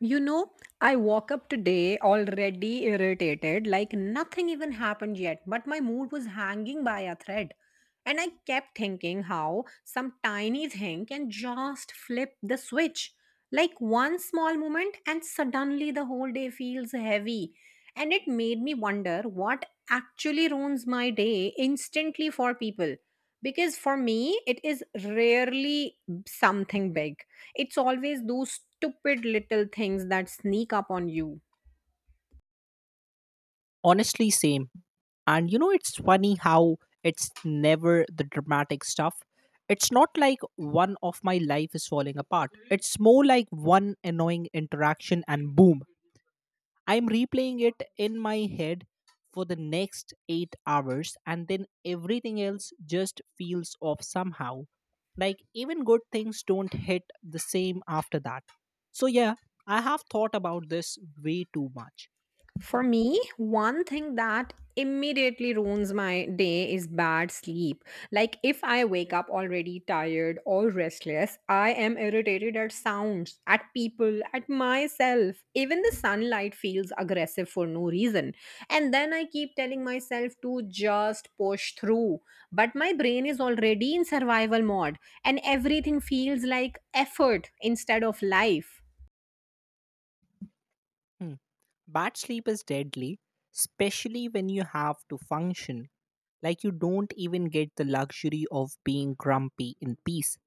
You know, I woke up today already irritated, like nothing even happened yet, but my mood was hanging by a thread. And I kept thinking how some tiny thing can just flip the switch. Like one small moment, and suddenly the whole day feels heavy. And it made me wonder what actually ruins my day instantly for people. Because for me, it is rarely something big, it's always those stupid little things that sneak up on you. Honestly, same. And you know, it's funny how it's never the dramatic stuff. It's not like one of my life is falling apart. It's more like one annoying interaction and boom, I'm replaying it in my head for the next 8 hours and then everything else just feels off somehow. Like even good things don't hit the same after that. So yeah, I have thought about this way too much. For me, one thing that immediately ruins my day is bad sleep. Like, if I wake up already tired or restless, I am irritated at sounds, at people, at myself. Even the sunlight feels aggressive for no reason. And then I keep telling myself to just push through. But my brain is already in survival mode, and everything feels like effort instead of life. Bad sleep is deadly, especially when you have to function. Like you don't even get the luxury of being grumpy in peace.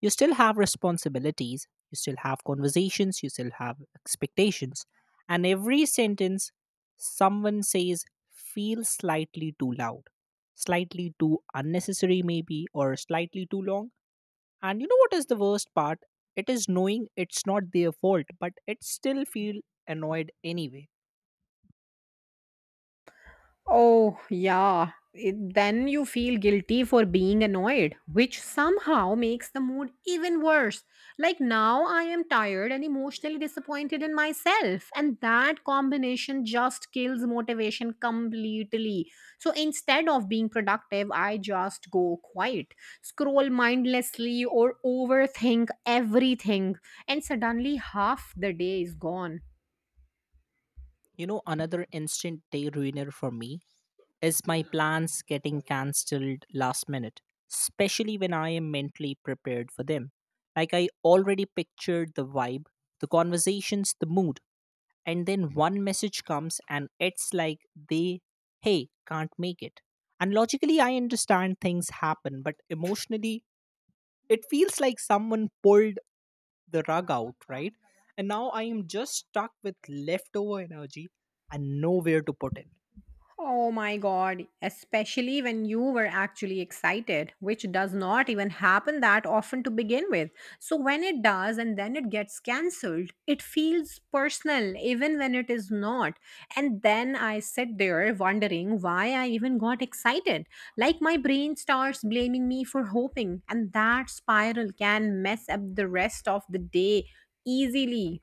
You still have responsibilities, you still have conversations, you still have expectations. And every sentence someone says feels slightly too loud, slightly too unnecessary, maybe, or slightly too long. And you know what is the worst part? It is knowing it's not their fault, but it still feel annoyed anyway. Oh, yeah. Then you feel guilty for being annoyed, which somehow makes the mood even worse. Like now, I am tired and emotionally disappointed in myself, and that combination just kills motivation completely. So instead of being productive, I just go quiet, scroll mindlessly, or overthink everything, and suddenly half the day is gone. You know, another instant day ruiner for me is my plans getting cancelled last minute, especially when I am mentally prepared for them. Like, I already pictured the vibe, the conversations, the mood, and then one message comes and it's like they, hey, can't make it. And logically, I understand things happen, but emotionally, it feels like someone pulled the rug out, right? And now I am just stuck with leftover energy and nowhere to put it. Oh my god, especially when you were actually excited, which does not even happen that often to begin with. So when it does and then it gets cancelled, it feels personal even when it is not. And then I sit there wondering why I even got excited. Like my brain starts blaming me for hoping, and that spiral can mess up the rest of the day easily.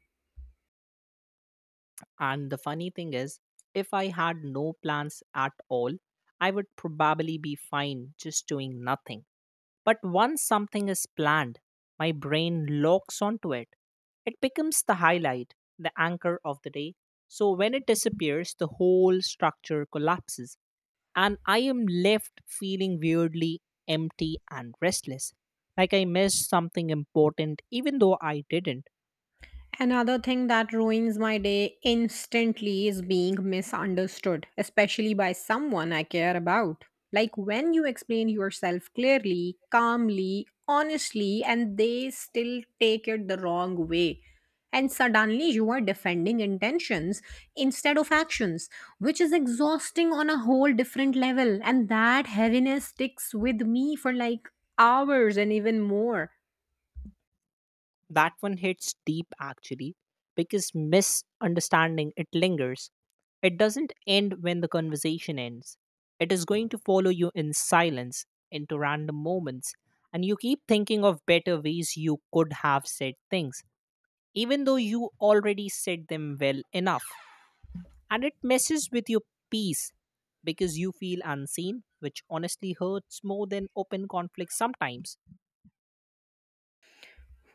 And the funny thing is, if I had no plans at all, I would probably be fine just doing nothing. But once something is planned, my brain locks onto it. It becomes the highlight, the anchor of the day. So when it disappears, the whole structure collapses, and I am left feeling weirdly empty and restless. Like I missed something important, even though I didn't. Another thing that ruins my day instantly is being misunderstood, especially by someone I care about. Like when you explain yourself clearly, calmly, honestly, and they still take it the wrong way. And suddenly you are defending intentions instead of actions, which is exhausting on a whole different level. And that heaviness sticks with me for like hours and even more. That one hits deep actually because misunderstanding it lingers. It doesn't end when the conversation ends. It is going to follow you in silence into random moments, and you keep thinking of better ways you could have said things even though you already said them well enough. And it messes with your peace because you feel unseen, which honestly hurts more than open conflict sometimes.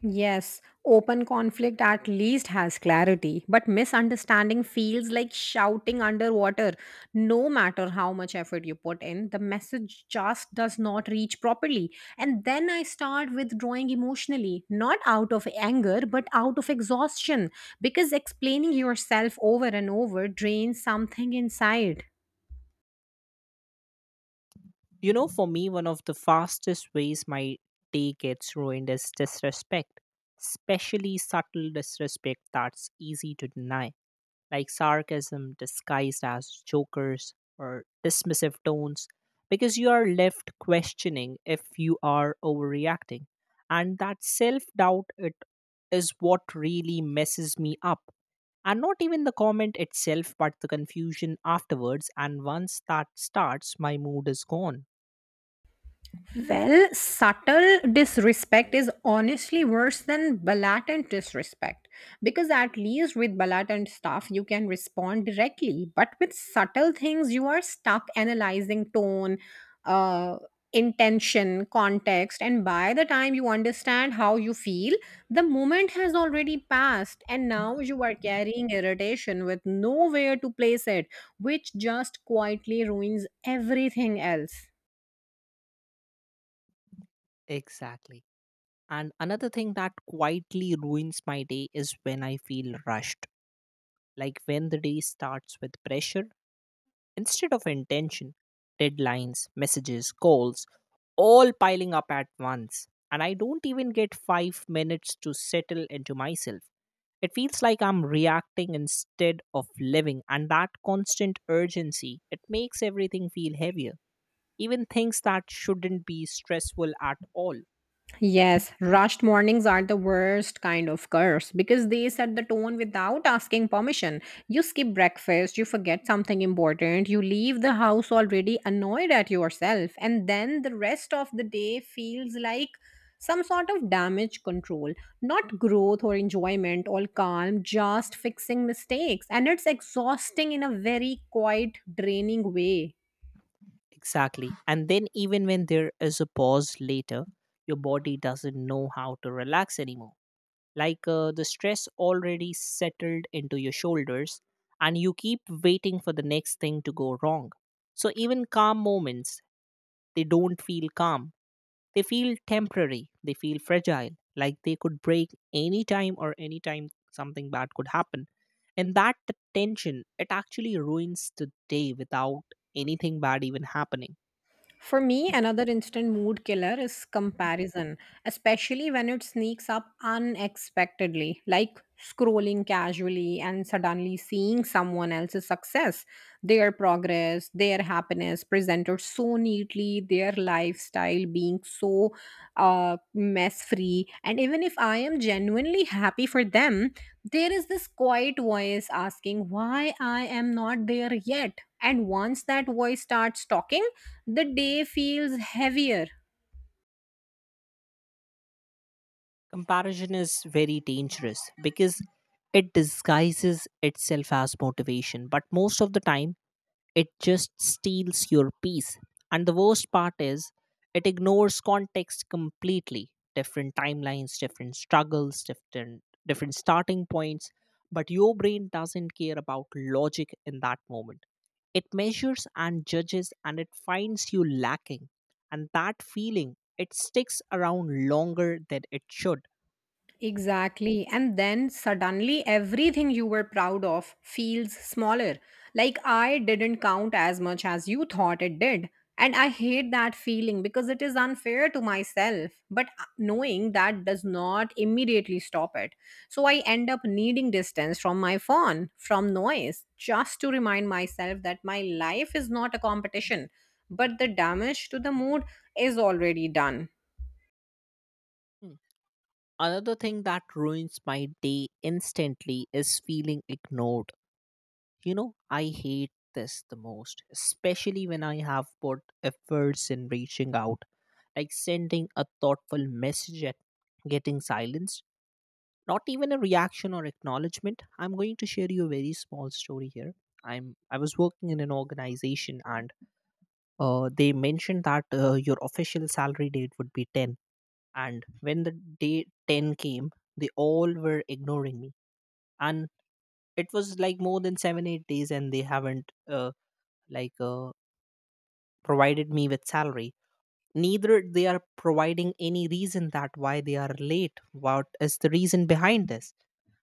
Yes, open conflict at least has clarity, but misunderstanding feels like shouting underwater. No matter how much effort you put in, the message just does not reach properly. And then I start withdrawing emotionally, not out of anger, but out of exhaustion, because explaining yourself over and over drains something inside. You know, for me, one of the fastest ways my day gets ruined is disrespect, especially subtle disrespect that's easy to deny. Like sarcasm disguised as jokers or dismissive tones, because you are left questioning if you are overreacting. And that self doubt, it is what really messes me up. And not even the comment itself, but the confusion afterwards. And once that starts, my mood is gone. Well, subtle disrespect is honestly worse than blatant disrespect because, at least with blatant stuff, you can respond directly. But with subtle things, you are stuck analyzing tone, uh, intention, context, and by the time you understand how you feel, the moment has already passed, and now you are carrying irritation with nowhere to place it, which just quietly ruins everything else. Exactly. And another thing that quietly ruins my day is when I feel rushed. Like when the day starts with pressure instead of intention, deadlines, messages, calls, all piling up at once. And I don't even get 5 minutes to settle into myself. It feels like I'm reacting instead of living, and that constant urgency, it makes everything feel heavier. Even things that shouldn't be stressful at all. Yes, rushed mornings are the worst kind of curse because they set the tone without asking permission. You skip breakfast, you forget something important, you leave the house already annoyed at yourself, and then the rest of the day feels like some sort of damage control, not growth or enjoyment or calm, just fixing mistakes. And it's exhausting in a very quiet, draining way. Exactly. And then, even when there is a pause later, your body doesn't know how to relax anymore. Like the stress already settled into your shoulders, and you keep waiting for the next thing to go wrong. So, even calm moments, they don't feel calm. They feel temporary, they feel fragile, like they could break anytime or anytime something bad could happen. And that tension, it actually ruins the day without anything bad even happening. For me, another instant mood killer is comparison, especially when it sneaks up unexpectedly, like scrolling casually and suddenly seeing someone else's success, their progress, their happiness presented so neatly, their lifestyle being so mess free. And even if I am genuinely happy for them, there is this quiet voice asking why I am not there yet. And once that voice starts talking, the day feels heavier. Comparison is very dangerous because it disguises itself as motivation, but most of the time, it just steals your peace. And the worst part is, it ignores context completely. Different timelines, different struggles, different starting points, but your brain doesn't care about logic in that moment. It measures and judges and it finds you lacking. And that feeling, it sticks around longer than it should. Exactly. And then suddenly everything you were proud of feels smaller. Like I didn't count as much as you thought it did. And I hate that feeling because it is unfair to myself. But knowing that does not immediately stop it. So I end up needing distance from my phone, from noise, just to remind myself that my life is not a competition, but the damage to the mood is already done. Hmm. Another thing that ruins my day instantly is feeling ignored. You know, I hate this the most, especially when I have put efforts in reaching out, like sending a thoughtful message at getting silenced. Not even a reaction or acknowledgement. I'm going to share you a very small story here. I was working in an organization and they mentioned that your official salary date would be 10, and when the day 10 came, they all were ignoring me, and it was like more than 7 8 days, and they haven't like uh, provided me with salary, neither they are providing any reason that why they are late, what is the reason behind this.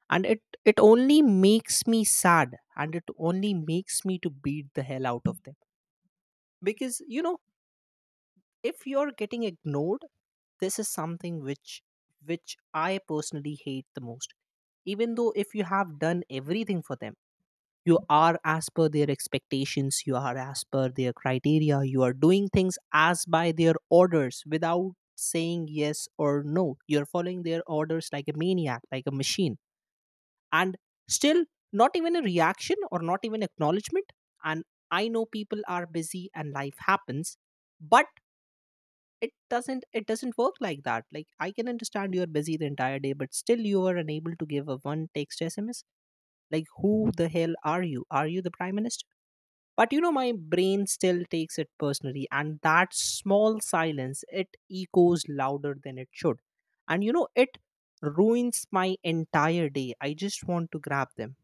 And it only makes me sad, and it only makes me to beat the hell out of them. Because you know, if you're getting ignored, this is something which which I personally hate the most, even though if you have done everything for them. You are as per their expectations, you are as per their criteria, you are doing things as by their orders without saying yes or no, you're following their orders like a maniac, like a machine. And still, not even a reaction or not even acknowledgement. And I know people are busy and life happens, but it doesn't work like that. Like I can understand you're busy the entire day, but still you are unable to give a one text SMS. Like who the hell are you? Are you the prime minister? But you know, my brain still takes it personally, and that small silence, it echoes louder than it should. And you know, it ruins my entire day. I just want to grab them.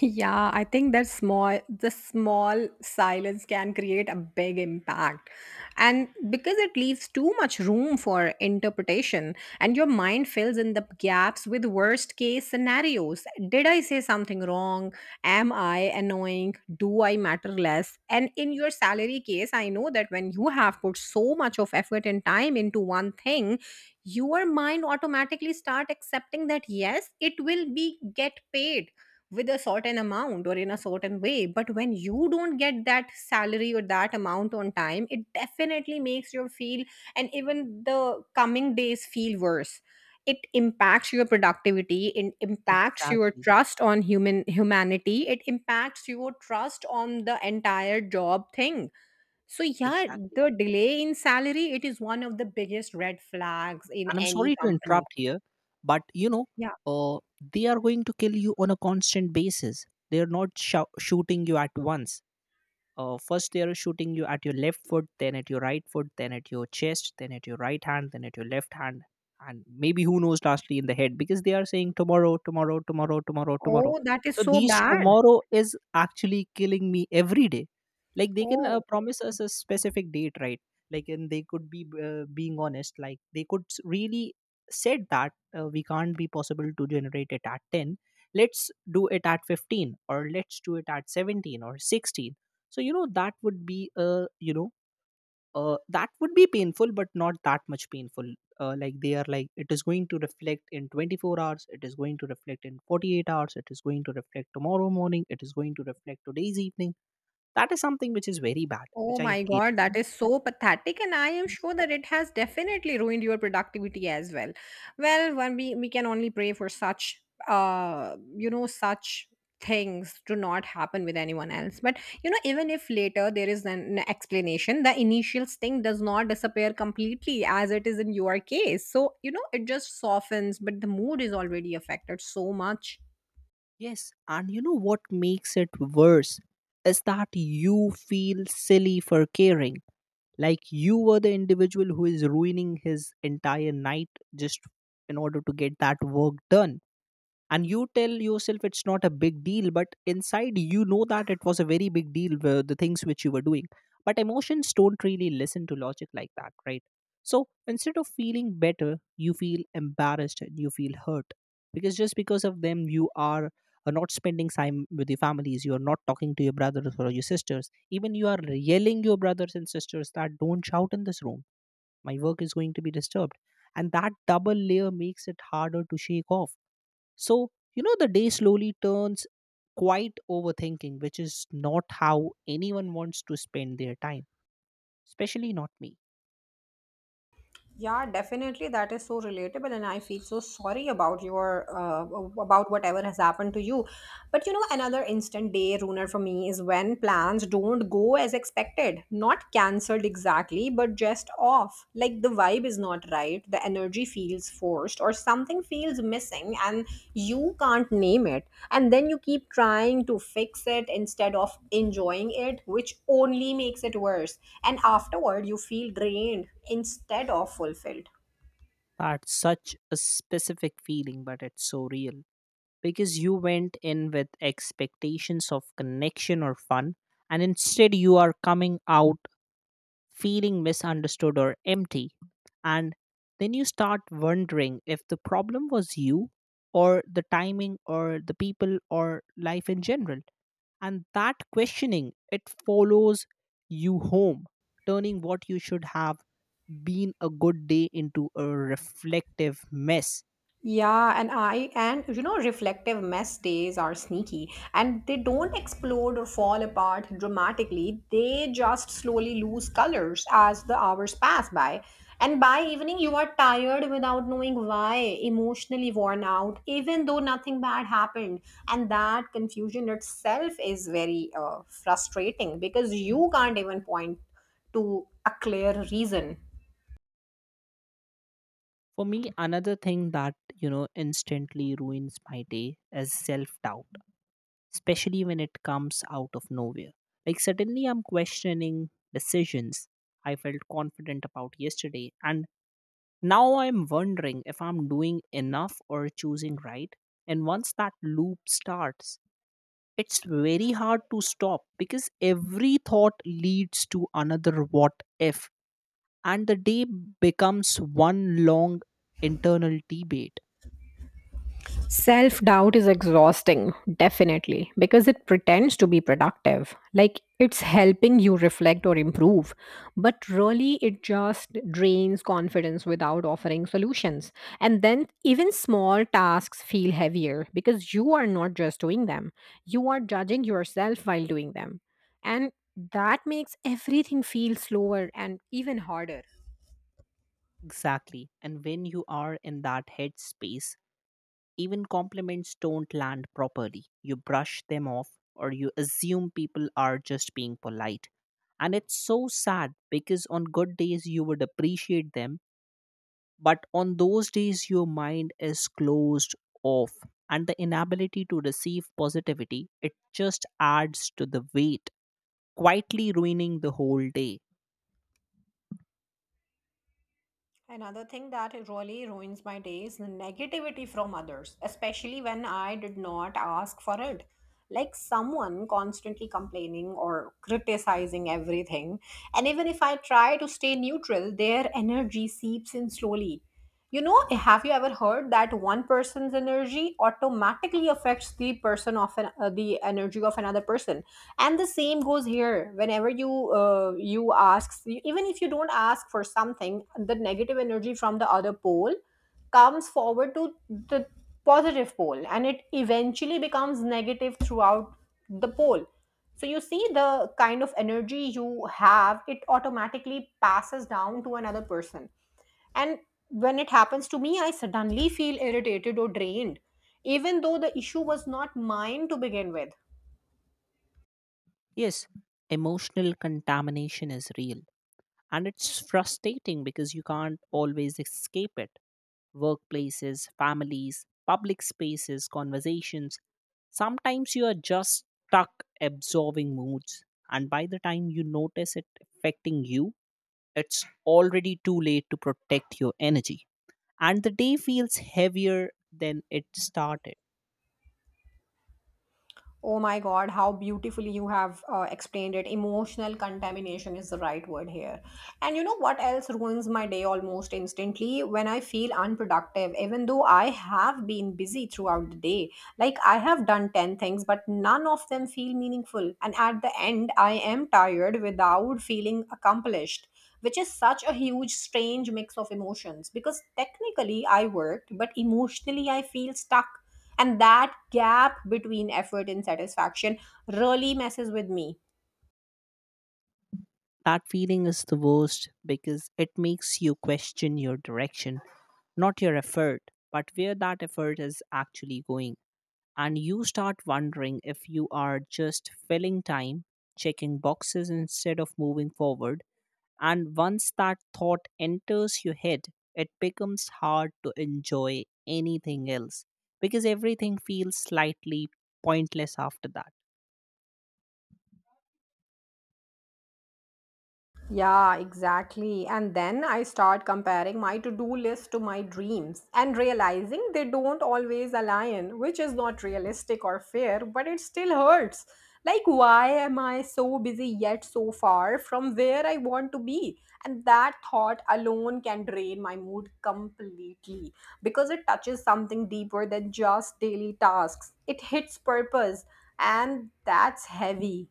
Yeah, I think that small the small silence can create a big impact. And because it leaves too much room for interpretation and your mind fills in the gaps with worst case scenarios. Did I say something wrong? Am I annoying? Do I matter less? And in your salary case, I know that when you have put so much of effort and time into one thing, your mind automatically start accepting that yes, it will be get paid with a certain amount or in a certain way, but when you don't get that salary or that amount on time, it definitely makes you feel, and even the coming days feel worse. It impacts your productivity, it impacts your Exactly. trust on humanity, it impacts your trust on the entire job thing. So yeah, Exactly. the delay in salary, it is one of the biggest red flags in And I'm any sorry to company. interrupt here, but you know, Yeah. uh, they are going to kill you on a constant basis. They are not shooting you at once. First they are shooting you at your left foot, then at your right foot, then at your chest, then at your right hand, then at your left hand, and maybe who knows lastly in the head, because they are saying tomorrow, tomorrow, tomorrow, tomorrow, tomorrow. Oh, that is So so these bad. tomorrow is actually killing me every day. Like they can Oh promise us a specific date, right? Like, and they could be being honest. Like they could really said that we can't be possible to generate it at 10, let's do it at 15, or let's do it at 17 or 16. So you know, that would be you know, that would be painful, but not that much painful. Like they are like, it is going to reflect in 24 hours, it is going to reflect in 48 hours, it is going to reflect tomorrow morning, it is going to reflect today's evening. That is something which is very bad, Oh which I my hate. God, that is so pathetic, and I am sure that it has definitely ruined your productivity as well. Well, one we can only pray for such such things to not happen with anyone else. But you know, even if later there is an explanation, the initial sting does not disappear completely as it is in your case. So, you know, it just softens, but the mood is already affected so much. Yes, and you know what makes it worse is that you feel silly for caring. Like you were the individual who is ruining his entire night just in order to get that work done, and you tell yourself it's not a big deal, but inside you know that it was a very big deal, the things which you were doing. But emotions don't really listen to logic like that, right? So instead of feeling better, you feel embarrassed and you feel hurt. Because just because of them, you are not spending time with your families, you are not talking to your brothers or your sisters, even you are yelling your brothers and sisters that don't shout in this room, my work is going to be disturbed. And that double layer makes it harder to shake off. So, you know, the day slowly turns quite overthinking, which is not how anyone wants to spend their time, especially not me. Yeah, definitely. That is so relatable, and I feel so sorry about your about whatever has happened to you. But you know, another instant day ruiner for me is when plans don't go as expected. Not cancelled exactly, but just off. Like the vibe is not right, the energy feels forced, or something feels missing and you can't name it. And then you keep trying to fix it instead of enjoying it, which only makes it worse. And afterward, you feel drained instead of fulfilled. That's such a specific feeling, but it's so real. Because you went in with expectations of connection or fun, and instead you are coming out feeling misunderstood or empty. And then you start wondering if the problem was you or the timing or the people or life in general. And that questioning, it follows you home, turning what you should have been a good day into a reflective mess. Yeah, and you know, reflective mess days are sneaky and they don't explode or fall apart dramatically. They just slowly lose colors as the hours pass by. And by evening, you are tired without knowing why, emotionally worn out, even though nothing bad happened. And that confusion itself is very frustrating because you can't even point to a clear reason. For me, another thing that, you know, instantly ruins my day is self doubt, especially when it comes out of nowhere. Like suddenly I'm questioning decisions I felt confident about yesterday, and now I'm wondering if I'm doing enough or choosing right. And once that loop starts, it's very hard to stop because every thought leads to another what if, and the day becomes one long internal debate. Self doubt is exhausting, definitely, because it pretends to be productive. Like it's helping you reflect or improve, but really it just drains confidence without offering solutions. And then even small tasks feel heavier because you are not just doing them, you are judging yourself while doing them. And that makes everything feel slower and even harder. Exactly. And when you are in that headspace, even compliments don't land properly. You brush them off or you assume people are just being polite. And it's so sad because on good days you would appreciate them. But on those days, your mind is closed off, and the inability to receive positivity, it just adds to the weight, quietly ruining the whole day. Another thing that it really ruins my day is the negativity from others, especially when I did not ask for it. Like someone constantly complaining or criticizing everything. And even if I try to stay neutral, their energy seeps in slowly. You know, have you ever heard that one person's energy automatically affects the person of the energy of another person? And the same goes here. Whenever you you ask, even if you don't ask for something, the negative energy from the other pole comes forward to the positive pole, and it eventually becomes negative throughout the pole. So you see, the kind of energy you have, it automatically passes down to another person, and when it happens to me, I suddenly feel irritated or drained, even though the issue was not mine to begin with. Yes, emotional contamination is real. And it's frustrating because you can't always escape it. Workplaces, families, public spaces, conversations. Sometimes you are just stuck absorbing moods. And by the time you notice it affecting you, it's already too late to protect your energy. And the day feels heavier than it started. Oh my God, how beautifully you have explained it. Emotional contamination is the right word here. And you know what else ruins my day almost instantly? When I feel unproductive, even though I have been busy throughout the day. Like I have done 10 things, but none of them feel meaningful. And at the end, I am tired without feeling accomplished, which is such a huge, strange mix of emotions because technically I worked, but emotionally I feel stuck, and that gap between effort and satisfaction really messes with me. That feeling is the worst because it makes you question your direction, not your effort, but where that effort is actually going. And you start wondering if you are just filling time, checking boxes instead of moving forward. And once that thought enters your head, it becomes hard to enjoy anything else because everything feels slightly pointless after that. Yeah, exactly. And then I start comparing my to do list to my dreams and realizing they don't always align, which is not realistic or fair, but it still hurts. Like, why am I so busy yet so far from where I want to be? And that thought alone can drain my mood completely because it touches something deeper than just daily tasks. It hits purpose, and that's heavy.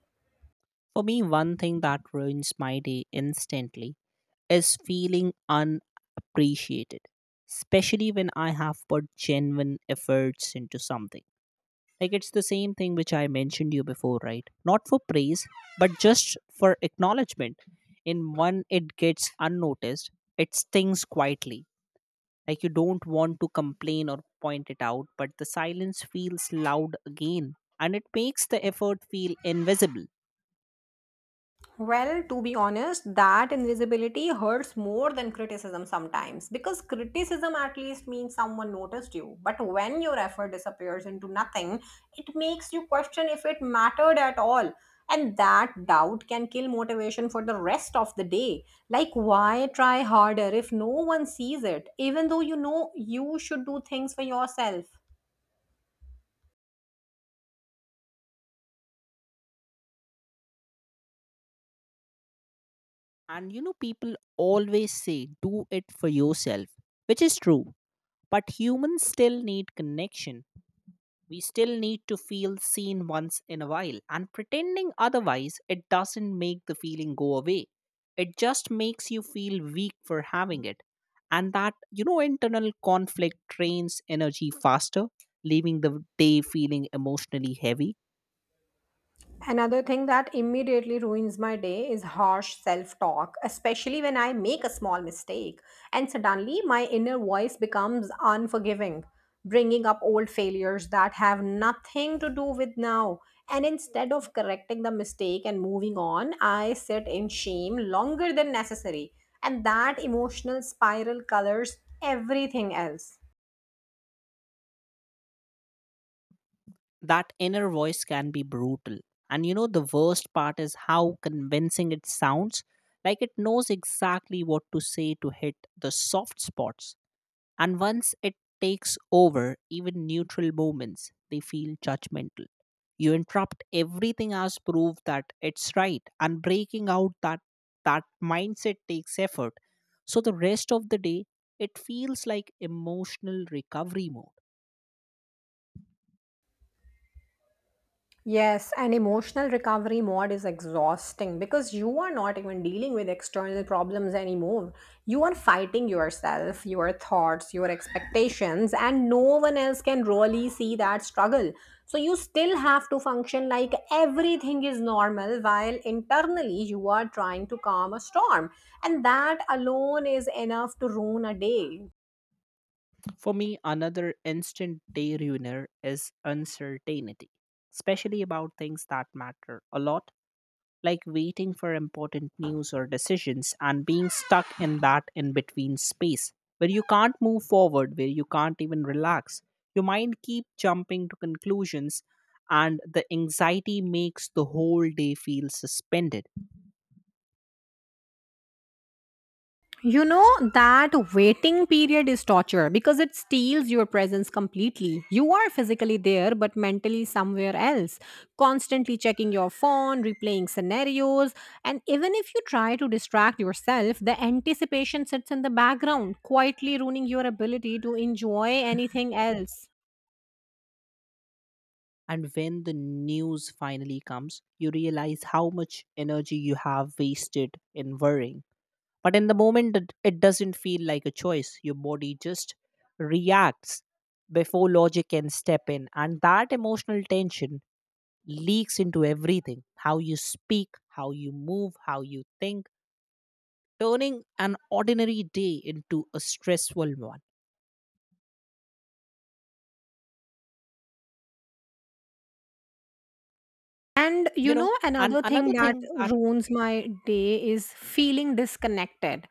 For me, one thing that ruins my day instantly is feeling unappreciated, especially when I have put genuine efforts into something. Like it's the same thing which I mentioned you before, right? Not for praise, but just for acknowledgement. In one, it gets unnoticed, it stings quietly. Like you don't want to complain or point it out, but the silence feels loud again, and it makes the effort feel invisible. Well, to be honest, that invisibility hurts more than criticism sometimes because criticism at least means someone noticed you. But when your effort disappears into nothing, it makes you question if it mattered at all. And that doubt can kill motivation for the rest of the day. Like, why try harder if no one sees it, even though you know you should do things for yourself? And you know, people always say, do it for yourself, which is true. But humans still need connection. We still need to feel seen once in a while, and pretending otherwise, it doesn't make the feeling go away. It just makes you feel weak for having it. And that, you know, internal conflict drains energy faster, leaving the day feeling emotionally heavy. Another thing that immediately ruins my day is harsh self talk, especially when I make a small mistake and suddenly my inner voice becomes unforgiving, bringing up old failures that have nothing to do with now. And instead of correcting the mistake and moving on, I sit in shame longer than necessary. And that emotional spiral colors everything else. That inner voice can be brutal. And you know, the worst part is how convincing it sounds. Like it knows exactly what to say to hit the soft spots. And once it takes over, even neutral moments, they feel judgmental. You interrupt everything as proof that it's right, and breaking out that mindset takes effort. So the rest of the day, it feels like emotional recovery mode. Yes, and emotional recovery mode is exhausting because you are not even dealing with external problems anymore. You are fighting yourself, your thoughts, your expectations, and no one else can really see that struggle. So you still have to function like everything is normal while internally you are trying to calm a storm. And that alone is enough to ruin a day. For me, another instant day ruiner is uncertainty, especially about things that matter a lot, like waiting for important news or decisions and being stuck in that in between space where you can't move forward, where you can't even relax. Your mind keep jumping to conclusions, and the anxiety makes the whole day feel suspended. You know that waiting period is torture because it steals your presence completely. You are physically there but mentally somewhere else, constantly checking your phone, replaying scenarios, and even if you try to distract yourself, the anticipation sits in the background, quietly ruining your ability to enjoy anything else. And when the news finally comes, you realize how much energy you have wasted in worrying. But in the moment, it doesn't feel like a choice. Your body just reacts before logic can step in. And that emotional tension leaks into everything, how you speak, how you move, how you think, turning an ordinary day into a stressful one. And You you know, know, and another thing another that thing that. ruins my day is feeling disconnected.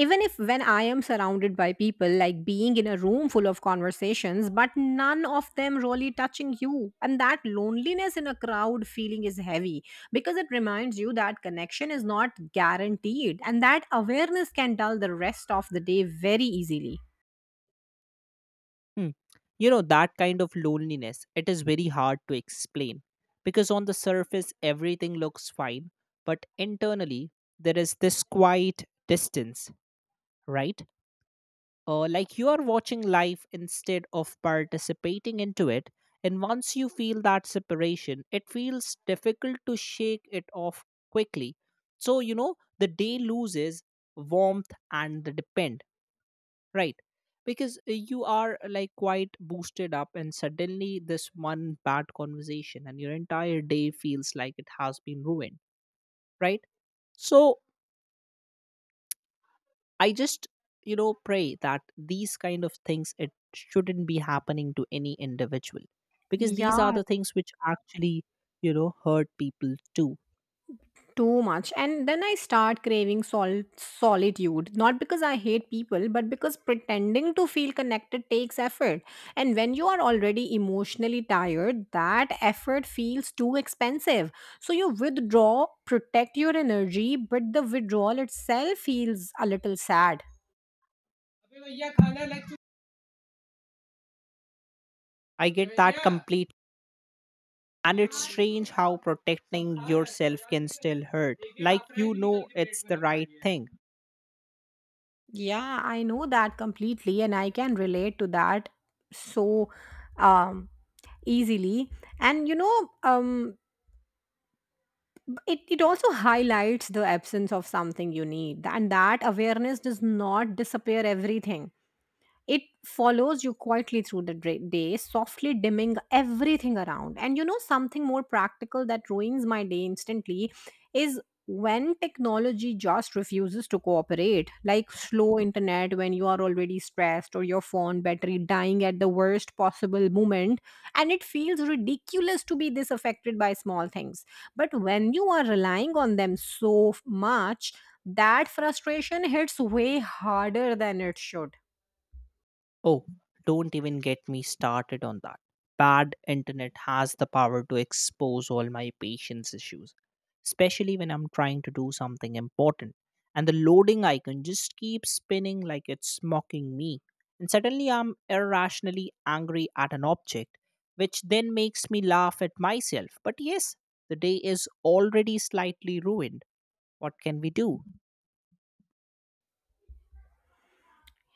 Even if when I am surrounded by people, like being in a room full of conversations, but none of them really touching you. And that loneliness in a crowd feeling is heavy because it reminds you that connection is not guaranteed and that awareness can dull the rest of the day very easily. Hmm. You know, that kind of loneliness, it is very hard to explain because on the surface, everything looks fine, but internally, there is this quiet distance, right? Like you are watching life instead of participating into it. And once you feel that separation, it feels difficult to shake it off quickly. So, you know, the day loses warmth and the depend, right? Because you are like quite boosted up, and suddenly this one bad conversation and your entire day feels like it has been ruined, right? So I just pray that these kind of things, it shouldn't be happening to any individual, because these are Yeah, the things which actually hurt people too. too much. And then I start craving solitude. Not because I hate people, but because pretending to feel connected takes effort. And when you are already emotionally tired, that effort feels too expensive. So you withdraw, protect your energy, but the withdrawal itself feels a little sad. I get that complete. And it's strange how protecting yourself can still hurt. Like you know it's the right thing. Yeah, I know that completely. And I can relate to that so um, easily. And you know, it also highlights the absence of something you need, and that awareness does not disappear everything, it follows you quietly through the day, softly dimming everything around. And you know, something more practical that ruins my day instantly is when technology just refuses to cooperate, like slow internet when you are already stressed, or your phone battery dying at the worst possible moment. And it feels ridiculous to be this affected by small things. But when you are relying on them so much, that frustration hits way harder than it should. Oh, don't even get me started on that. Bad internet has the power to expose all my patience issues, especially when I'm trying to do something important. And the loading icon just keeps spinning like it's mocking me. And suddenly I'm irrationally angry at an object, which then makes me laugh at myself. But yes, the day is already slightly ruined. What can we do?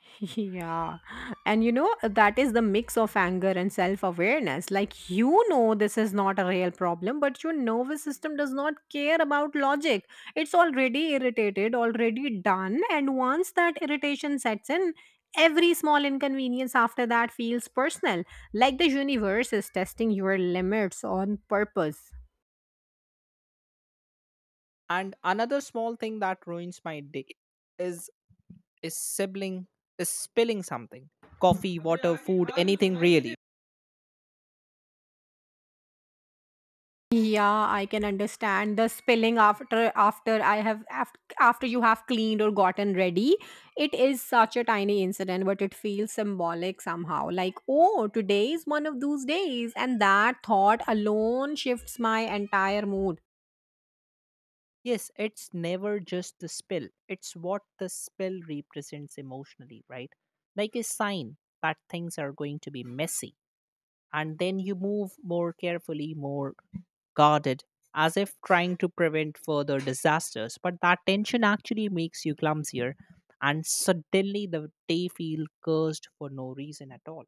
Yeah. And you know, that is the mix of anger and self awareness. Like, you know, this is not a real problem, but your nervous system does not care about logic. It's already irritated, already done. And once that irritation sets in, every small inconvenience after that feels personal. Like the universe is testing your limits on purpose. And another small thing that ruins my day is is sibling is spilling something, coffee, water, food, anything really. Yeah, I can understand the spilling after you have cleaned or gotten ready. It is such a tiny incident, but it feels symbolic somehow. Like, oh, today is one of those days, and that thought alone shifts my entire mood. Yes, it's never just the spill, it's what the spill represents emotionally, right? Like a sign that things are going to be messy. And then you move more carefully, more guarded, as if trying to prevent further disasters. But that tension actually makes you clumsier, and suddenly the day feels cursed for no reason at all.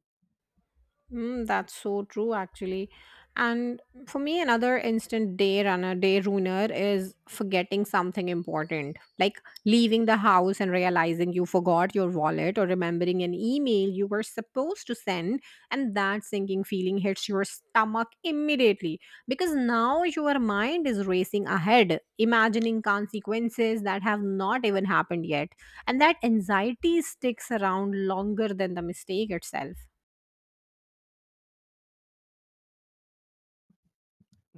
Mm, that's so true, actually. And for me, another instant day runner, day ruiner is forgetting something important, like leaving the house and realizing you forgot your wallet or remembering an email you were supposed to send. And that sinking feeling hits your stomach immediately because now your mind is racing ahead, imagining consequences that have not even happened yet. And that anxiety sticks around longer than the mistake itself.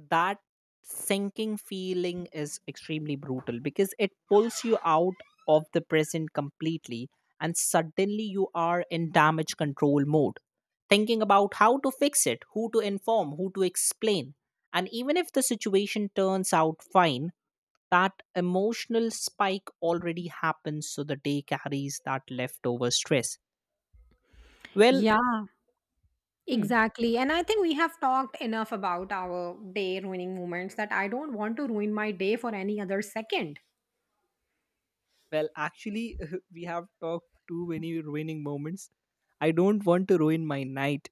That sinking feeling is extremely brutal because it pulls you out of the present completely, and suddenly you are in damage control mode, thinking about how to fix it, who to inform, who to explain. And even if the situation turns out fine, that emotional spike already happens, so the day carries that leftover stress. Well. Yeah, Hmm. exactly. And I think we have talked enough about our day ruining moments that I don't want to ruin my day for any other second. Well, actually, we have talked too many ruining moments. I don't want to ruin my night.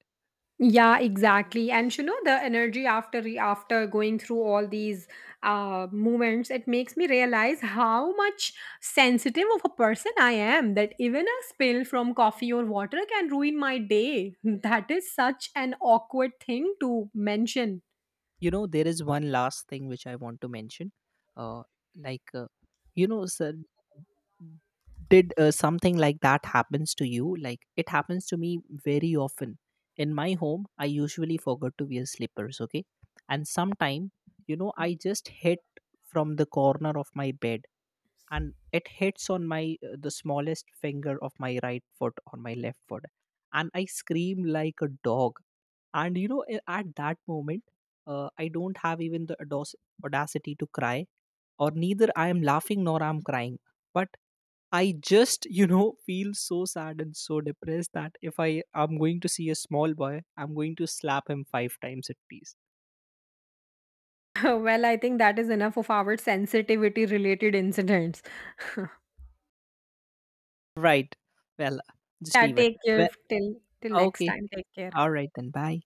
Yeah, exactly. And you know, the energy after after going through all these moments, it makes me realize how much sensitive of a person I am. That even a spill from coffee or water can ruin my day. That is such an awkward thing to mention. You know, there is one last thing which I want to mention. Uh, like, sir, did something like that happens to you? Like, it happens to me very often. In my home, I usually forget to wear slippers. Okay, and sometime, I just hit from the corner of my bed, and it hits on my the smallest finger of my right foot on my left foot. And I scream like a dog. And at that moment, I don't have even the audacity to cry. Or neither I am laughing nor I'm crying. But I just feel so sad and so depressed that if I am going to see a small boy, I'm going to slap him five times at least. Well, I think that is enough of our sensitivity related incidents. Right. Well, just Yeah, leave it. take Well, care till next okay, time. Take care. all right then. Bye.